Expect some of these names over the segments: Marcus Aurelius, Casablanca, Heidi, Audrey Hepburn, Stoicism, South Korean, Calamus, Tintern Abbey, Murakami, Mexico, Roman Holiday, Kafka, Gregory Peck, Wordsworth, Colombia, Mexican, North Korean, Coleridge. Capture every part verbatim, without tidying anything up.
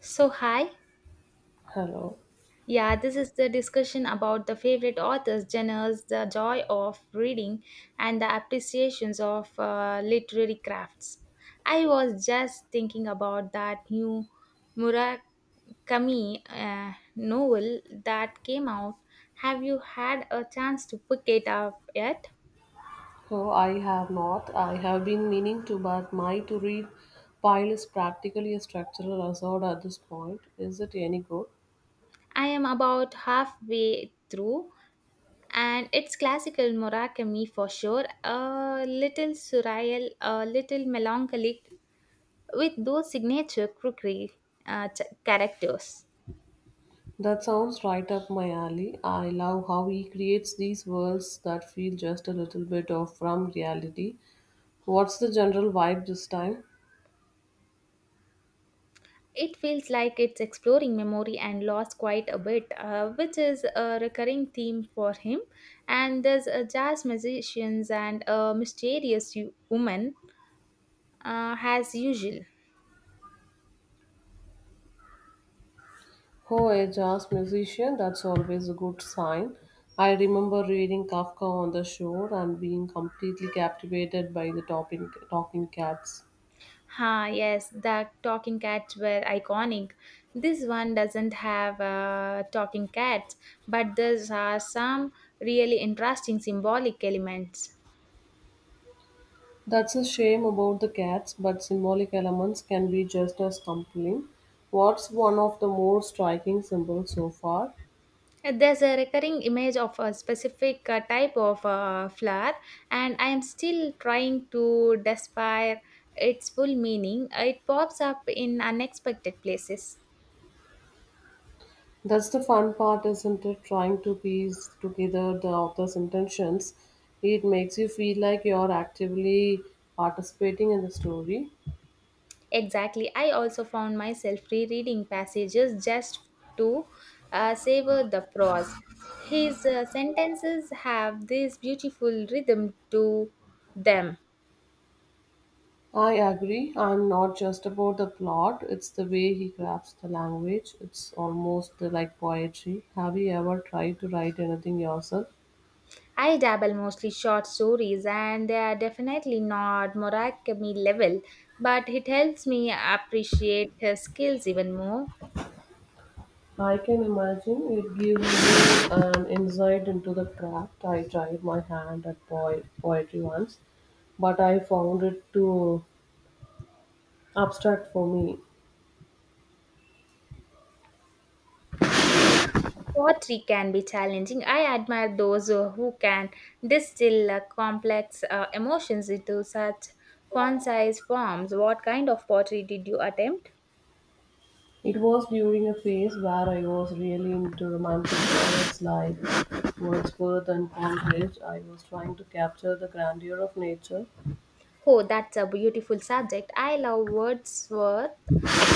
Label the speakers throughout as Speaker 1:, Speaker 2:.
Speaker 1: So, hi.
Speaker 2: Hello.
Speaker 1: Yeah, this is the discussion about the favorite authors, genres, the joy of reading, and the appreciations of uh, literary crafts. I was just thinking about that new Murakami uh, novel that came out. Have you had a chance to pick it up yet?
Speaker 2: No, I have not. I have been meaning to, but my to read pile is practically a structural hazard at this point. Is it any good?
Speaker 1: I am about halfway through, and it's classical Murakami for sure. A little surreal, a little melancholic, with those signature crookery uh, ch- characters.
Speaker 2: That sounds right up my alley. I love how he creates these worlds that feel just a little bit off from reality. What's the general vibe this time?
Speaker 1: It feels like it's exploring memory and loss quite a bit, uh, which is a recurring theme for him. And there's a jazz musicians and a mysterious u- woman uh, as usual.
Speaker 2: Oh, a jazz musician, that's always a good sign. I remember reading Kafka on the Shore and being completely captivated by the talking, talking cats.
Speaker 1: Ha, yes, the talking cats were iconic. This one doesn't have uh, talking cats, but there are some really interesting symbolic elements.
Speaker 2: That's a shame about the cats, but symbolic elements can be just as compelling. What's one of the more striking symbols so far?
Speaker 1: Uh, There's a recurring image of a specific uh, type of uh, flower, and I am still trying to despair its full meaning. Uh, It pops up in unexpected places.
Speaker 2: That's the fun part, isn't it? Trying to piece together the author's intentions. It makes you feel like you're actively participating in the story.
Speaker 1: Exactly. I also found myself rereading passages just to uh, savor the prose. His uh, sentences have this beautiful rhythm to them.
Speaker 2: I agree. I'm not just about the plot, it's the way he crafts the language. It's almost like poetry. Have you ever tried to write anything yourself?
Speaker 1: I dabble mostly short stories, and they are definitely not Murakami level, but it helps me appreciate his skills even more.
Speaker 2: I can imagine it gives you an insight into the craft. I tried my hand at po- poetry once, but I found it too abstract for me.
Speaker 1: Poetry can be challenging. I admire those uh, who can distill uh, complex uh, emotions into such concise forms. What kind of poetry did you attempt?
Speaker 2: It was during a phase where I was really into romantic poets like Wordsworth and Coleridge. I was trying to capture the grandeur of nature.
Speaker 1: Oh, that's a beautiful subject. I love Wordsworth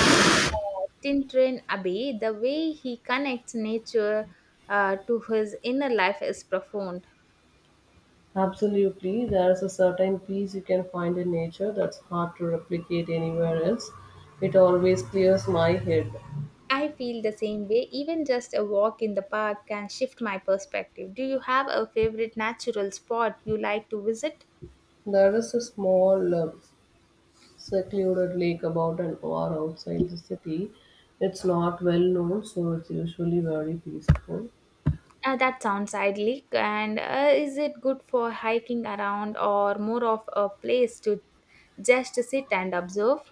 Speaker 1: and uh, Tintrin Abbey. The way he connects nature uh, to his inner life is profound.
Speaker 2: Absolutely, there is a certain peace you can find in nature that's hard to replicate anywhere else. It always clears my head.
Speaker 1: I feel the same way. Even just a walk in the park can shift my perspective. Do you have a favorite natural spot you like to visit?
Speaker 2: There is a small, uh, secluded lake about an hour outside the city. It's not well known, so it's usually very peaceful.
Speaker 1: Uh, that sounds idyllic. And uh, is it good for hiking around or more of a place to just sit and observe?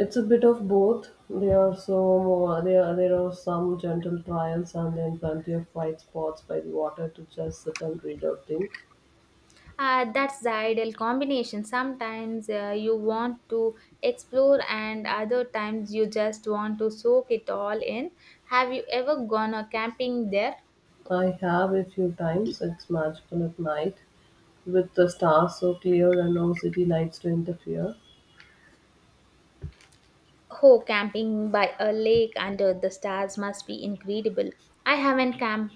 Speaker 2: It's a bit of both. There are so more, there there are some gentle trials and then plenty of quiet spots by the water to just sit and read or think.
Speaker 1: Uh, that's the ideal combination. Sometimes uh, you want to explore, and other times you just want to soak it all in. Have you ever gone a camping there?
Speaker 2: I have a few times. It's magical at night with the stars so clear and no city lights to interfere.
Speaker 1: Oh, camping by a lake under the stars must be incredible. I haven't camped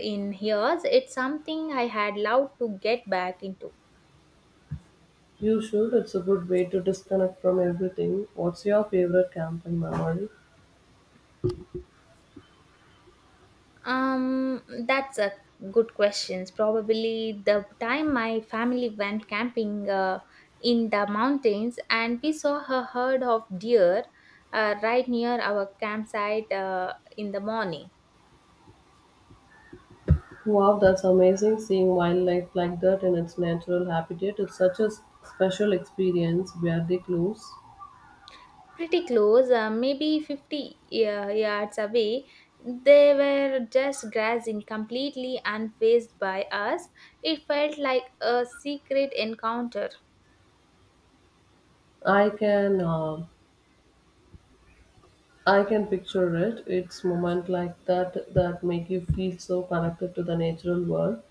Speaker 1: in years. It's something I had loved to get back into.
Speaker 2: You should. It's a good way to disconnect from everything. What's your favorite camping memory?
Speaker 1: Um, that's a good question. Probably the time my family went camping uh, in the mountains and we saw a herd of deer uh, right near our campsite uh, in the morning.
Speaker 2: Wow, that's amazing seeing wildlife like that in its natural habitat. Is such a s- special experience where they close.
Speaker 1: Pretty close, uh, maybe fifty uh, yards away. They were just grazing completely unfazed by us. It felt like a secret encounter.
Speaker 2: I can uh, I can picture it. It's moment like that that make you feel so connected to the natural world.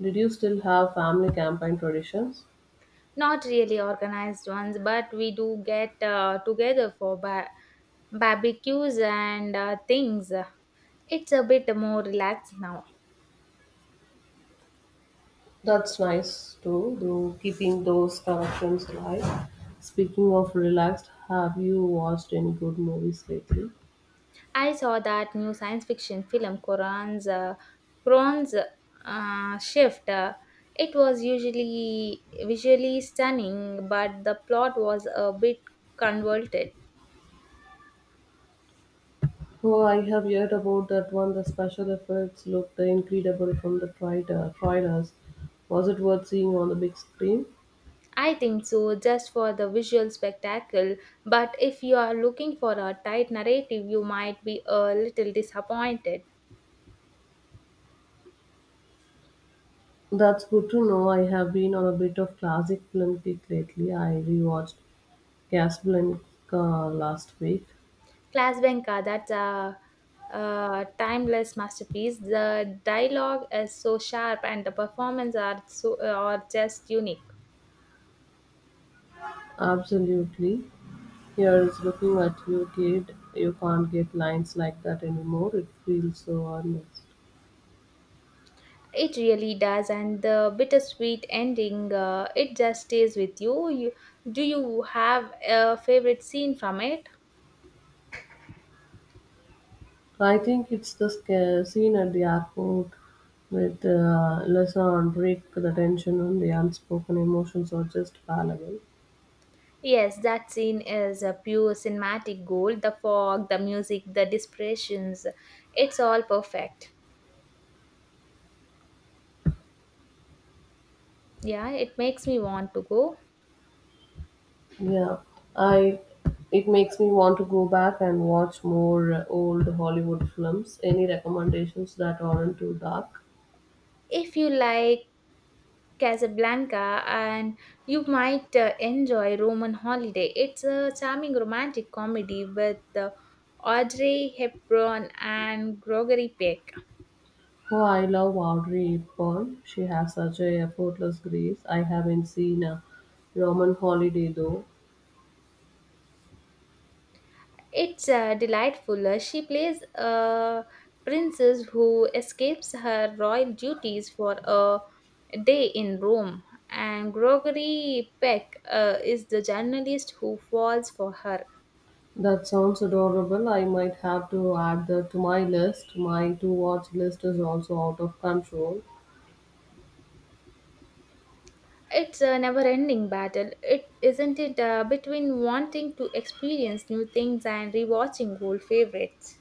Speaker 2: Did you still have family camping traditions?
Speaker 1: Not really organized ones, but we do get uh, together for ba- barbecues and uh, things. It's a bit more relaxed now.
Speaker 2: That's nice too, though, keeping those connections alive. Speaking of relaxed, have you watched any good movies lately?
Speaker 1: I saw that new science fiction film, Quran's, uh, Quran's uh, Shift. Uh, it was usually visually stunning, but the plot was a bit convoluted.
Speaker 2: Oh, I have heard about that one. The special effects looked incredible from the trailer, trailers. Was it worth seeing on the big screen?
Speaker 1: I think so, just for the visual spectacle. But if you are looking for a tight narrative, you might be a little disappointed.
Speaker 2: That's good to know. I have been on a bit of classic film kick lately. I rewatched Casablanca last week.
Speaker 1: Class Klasbenka, that's a, a timeless masterpiece. The dialogue is so sharp and the performance are so are just unique.
Speaker 2: Absolutely. Here's looking at you, kid. You can't get lines like that anymore. It feels so honest.
Speaker 1: It really does, and the bittersweet ending, uh, it just stays with you. you. Do you have a favorite scene from it?
Speaker 2: I think it's the sca- scene at the airport with uh, Lisa on break. The tension and the unspoken emotions are just palpable.
Speaker 1: Yes, that scene is a pure cinematic gold. The fog, the music, the dispersions, it's all perfect. Yeah, it makes me want to go.
Speaker 2: Yeah, I. It makes me want to go back and watch more uh, old Hollywood films. Any recommendations that aren't too dark?
Speaker 1: If you like Casablanca, and you might uh, enjoy Roman Holiday. It's a charming romantic comedy with uh, Audrey Hepburn and Gregory Peck.
Speaker 2: Oh, I love Audrey Hepburn. She has such a effortless grace. I haven't seen a Roman holiday though.
Speaker 1: It's uh, delightful. Uh, She plays a princess who escapes her royal duties for a day in Rome, and Gregory Peck uh, is the journalist who falls for her.
Speaker 2: That sounds adorable. I might have to add that to my list. My to watch list is also out of control.
Speaker 1: It's a never ending battle, it, isn't it? Uh, between wanting to experience new things and rewatching old favorites.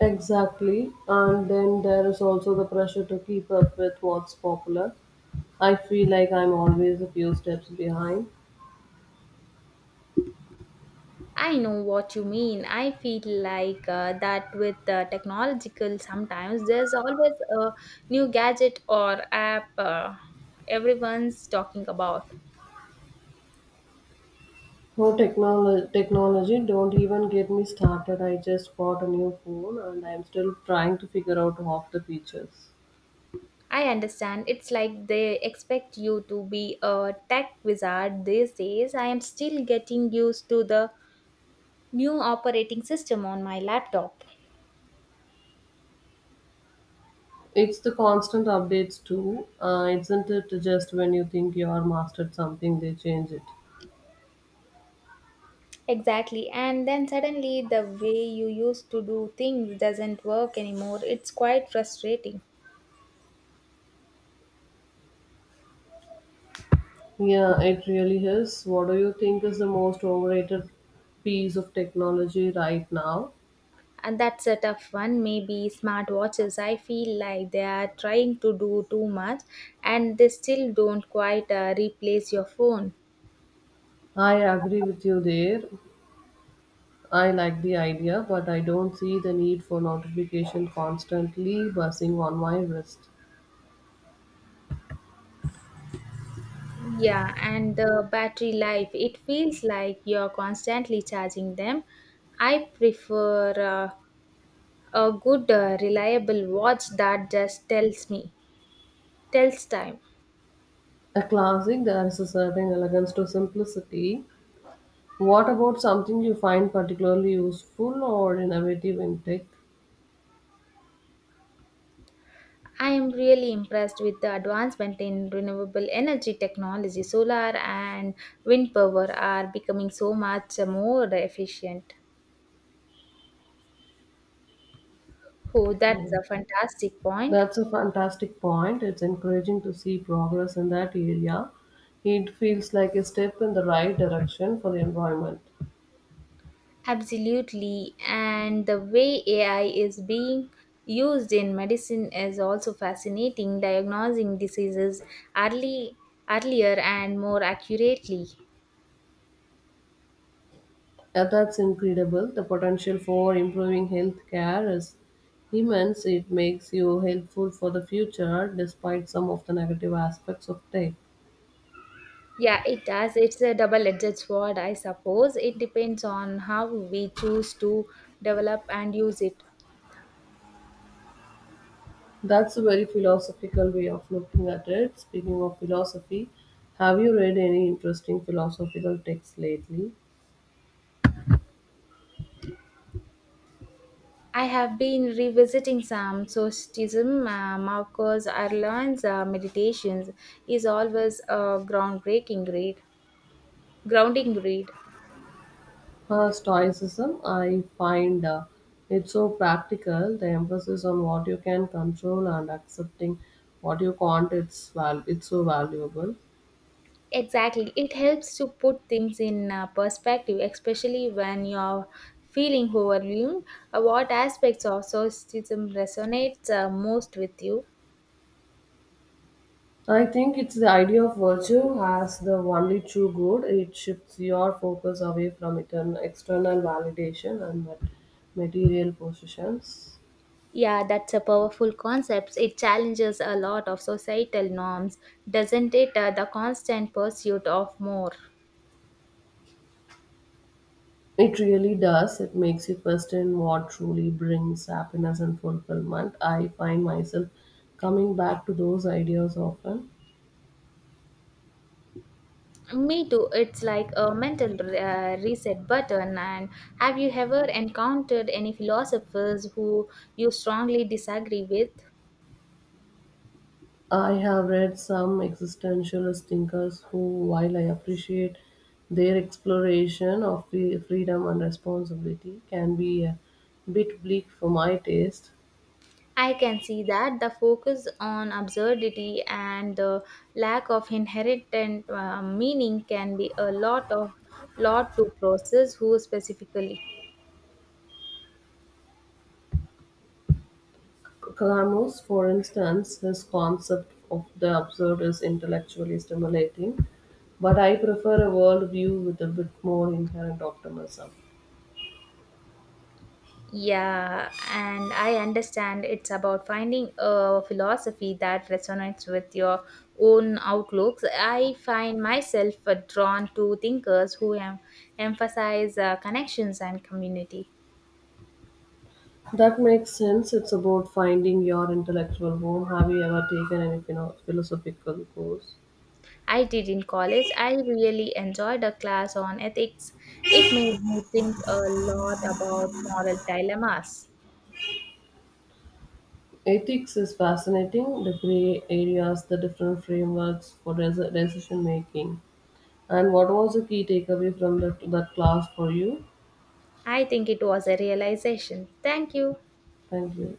Speaker 2: Exactly. And then there is also the pressure to keep up with what's popular. I feel like I'm always a few steps behind.
Speaker 1: I know what you mean. I feel like uh, that with the technological, sometimes there's always a new gadget or app uh, everyone's talking about.
Speaker 2: Oh, technology, technology, don't even get me started. I just bought a new phone and I'm still trying to figure out half the features.
Speaker 1: I understand. It's like they expect you to be a tech wizard these days. I am still getting used to the new operating system on my laptop.
Speaker 2: It's the constant updates too, uh, isn't it? Just when you think you are mastered something, they change it.
Speaker 1: Exactly. And then suddenly the way you used to do things doesn't work anymore. It's quite frustrating.
Speaker 2: Yeah, it really is. What do you think is the most overrated piece of technology right now?
Speaker 1: And that's a tough one. Maybe smartwatches. I feel like they are trying to do too much and they still don't quite uh, replace your phone.
Speaker 2: I agree with you there. I like the idea, but I don't see the need for notification constantly buzzing on my wrist.
Speaker 1: Yeah, and the battery life. It feels like you're constantly charging them. I prefer uh, a good, uh, reliable watch that just tells me, tells time.
Speaker 2: A classic, there is a certain elegance to simplicity. What about something you find particularly useful or innovative in tech?
Speaker 1: I am really impressed with the advancement in renewable energy technology. Solar and wind power are becoming so much more efficient. Oh, that's
Speaker 2: Yeah.
Speaker 1: a fantastic point.
Speaker 2: That's a fantastic point. It's encouraging to see progress in that area. It feels like a step in the right direction for the environment.
Speaker 1: Absolutely. And the way A I is being used in medicine is also fascinating, diagnosing diseases early, earlier and more accurately.
Speaker 2: Uh, That's incredible. The potential for improving healthcare is immense. It makes you helpful for the future despite some of the negative aspects of tech.
Speaker 1: Yeah, it does. It's a double-edged sword, I suppose. It depends on how we choose to develop and use it.
Speaker 2: That's a very philosophical way of looking at it. Speaking of philosophy, have you read any interesting philosophical texts lately?
Speaker 1: I have been revisiting some Stoicism, uh, Marcus Aurelian's uh, meditations is always a groundbreaking read. Grounding read.
Speaker 2: Uh, Stoicism, I find uh, it so practical. The emphasis on what you can control and accepting what you can't, it's, val- it's so valuable.
Speaker 1: Exactly. It helps to put things in uh, perspective, especially when you're feeling overwhelmed. Uh, what aspects of Stoicism resonates uh, most with you?
Speaker 2: I think it's the idea of virtue as the only true good. It shifts your focus away from etern- external validation and mat- material possessions.
Speaker 1: Yeah, that's a powerful concept. It challenges a lot of societal norms, doesn't it? Uh, the constant pursuit of more.
Speaker 2: It really does. It makes you question what truly brings happiness and fulfillment. I find myself coming back to those ideas often.
Speaker 1: Me too. It's like a mental uh, reset button. And have you ever encountered any philosophers who you strongly disagree with?
Speaker 2: I have read some existentialist thinkers who, while I appreciate their exploration of free- freedom and responsibility, can be a bit bleak for my taste.
Speaker 1: I can see that the focus on absurdity and the lack of inherent uh, meaning can be a lot of lot to process who specifically.
Speaker 2: Calamus, for instance, his concept of the absurd is intellectually stimulating, but I prefer a world view with a bit more inherent optimism.
Speaker 1: Yeah, and I understand it's about finding a philosophy that resonates with your own outlooks. I find myself uh, drawn to thinkers who em- emphasize uh, connections and community.
Speaker 2: That makes sense. It's about finding your intellectual home. Have you ever taken any philo- philosophical course?
Speaker 1: I did in college. I really enjoyed a class on ethics. It made me think a lot about moral dilemmas.
Speaker 2: Ethics is fascinating, the gray areas, the different frameworks for desi- decision making. And what was the key takeaway from that, that class for you?
Speaker 1: I think it was a realization. Thank you.
Speaker 2: Thank you.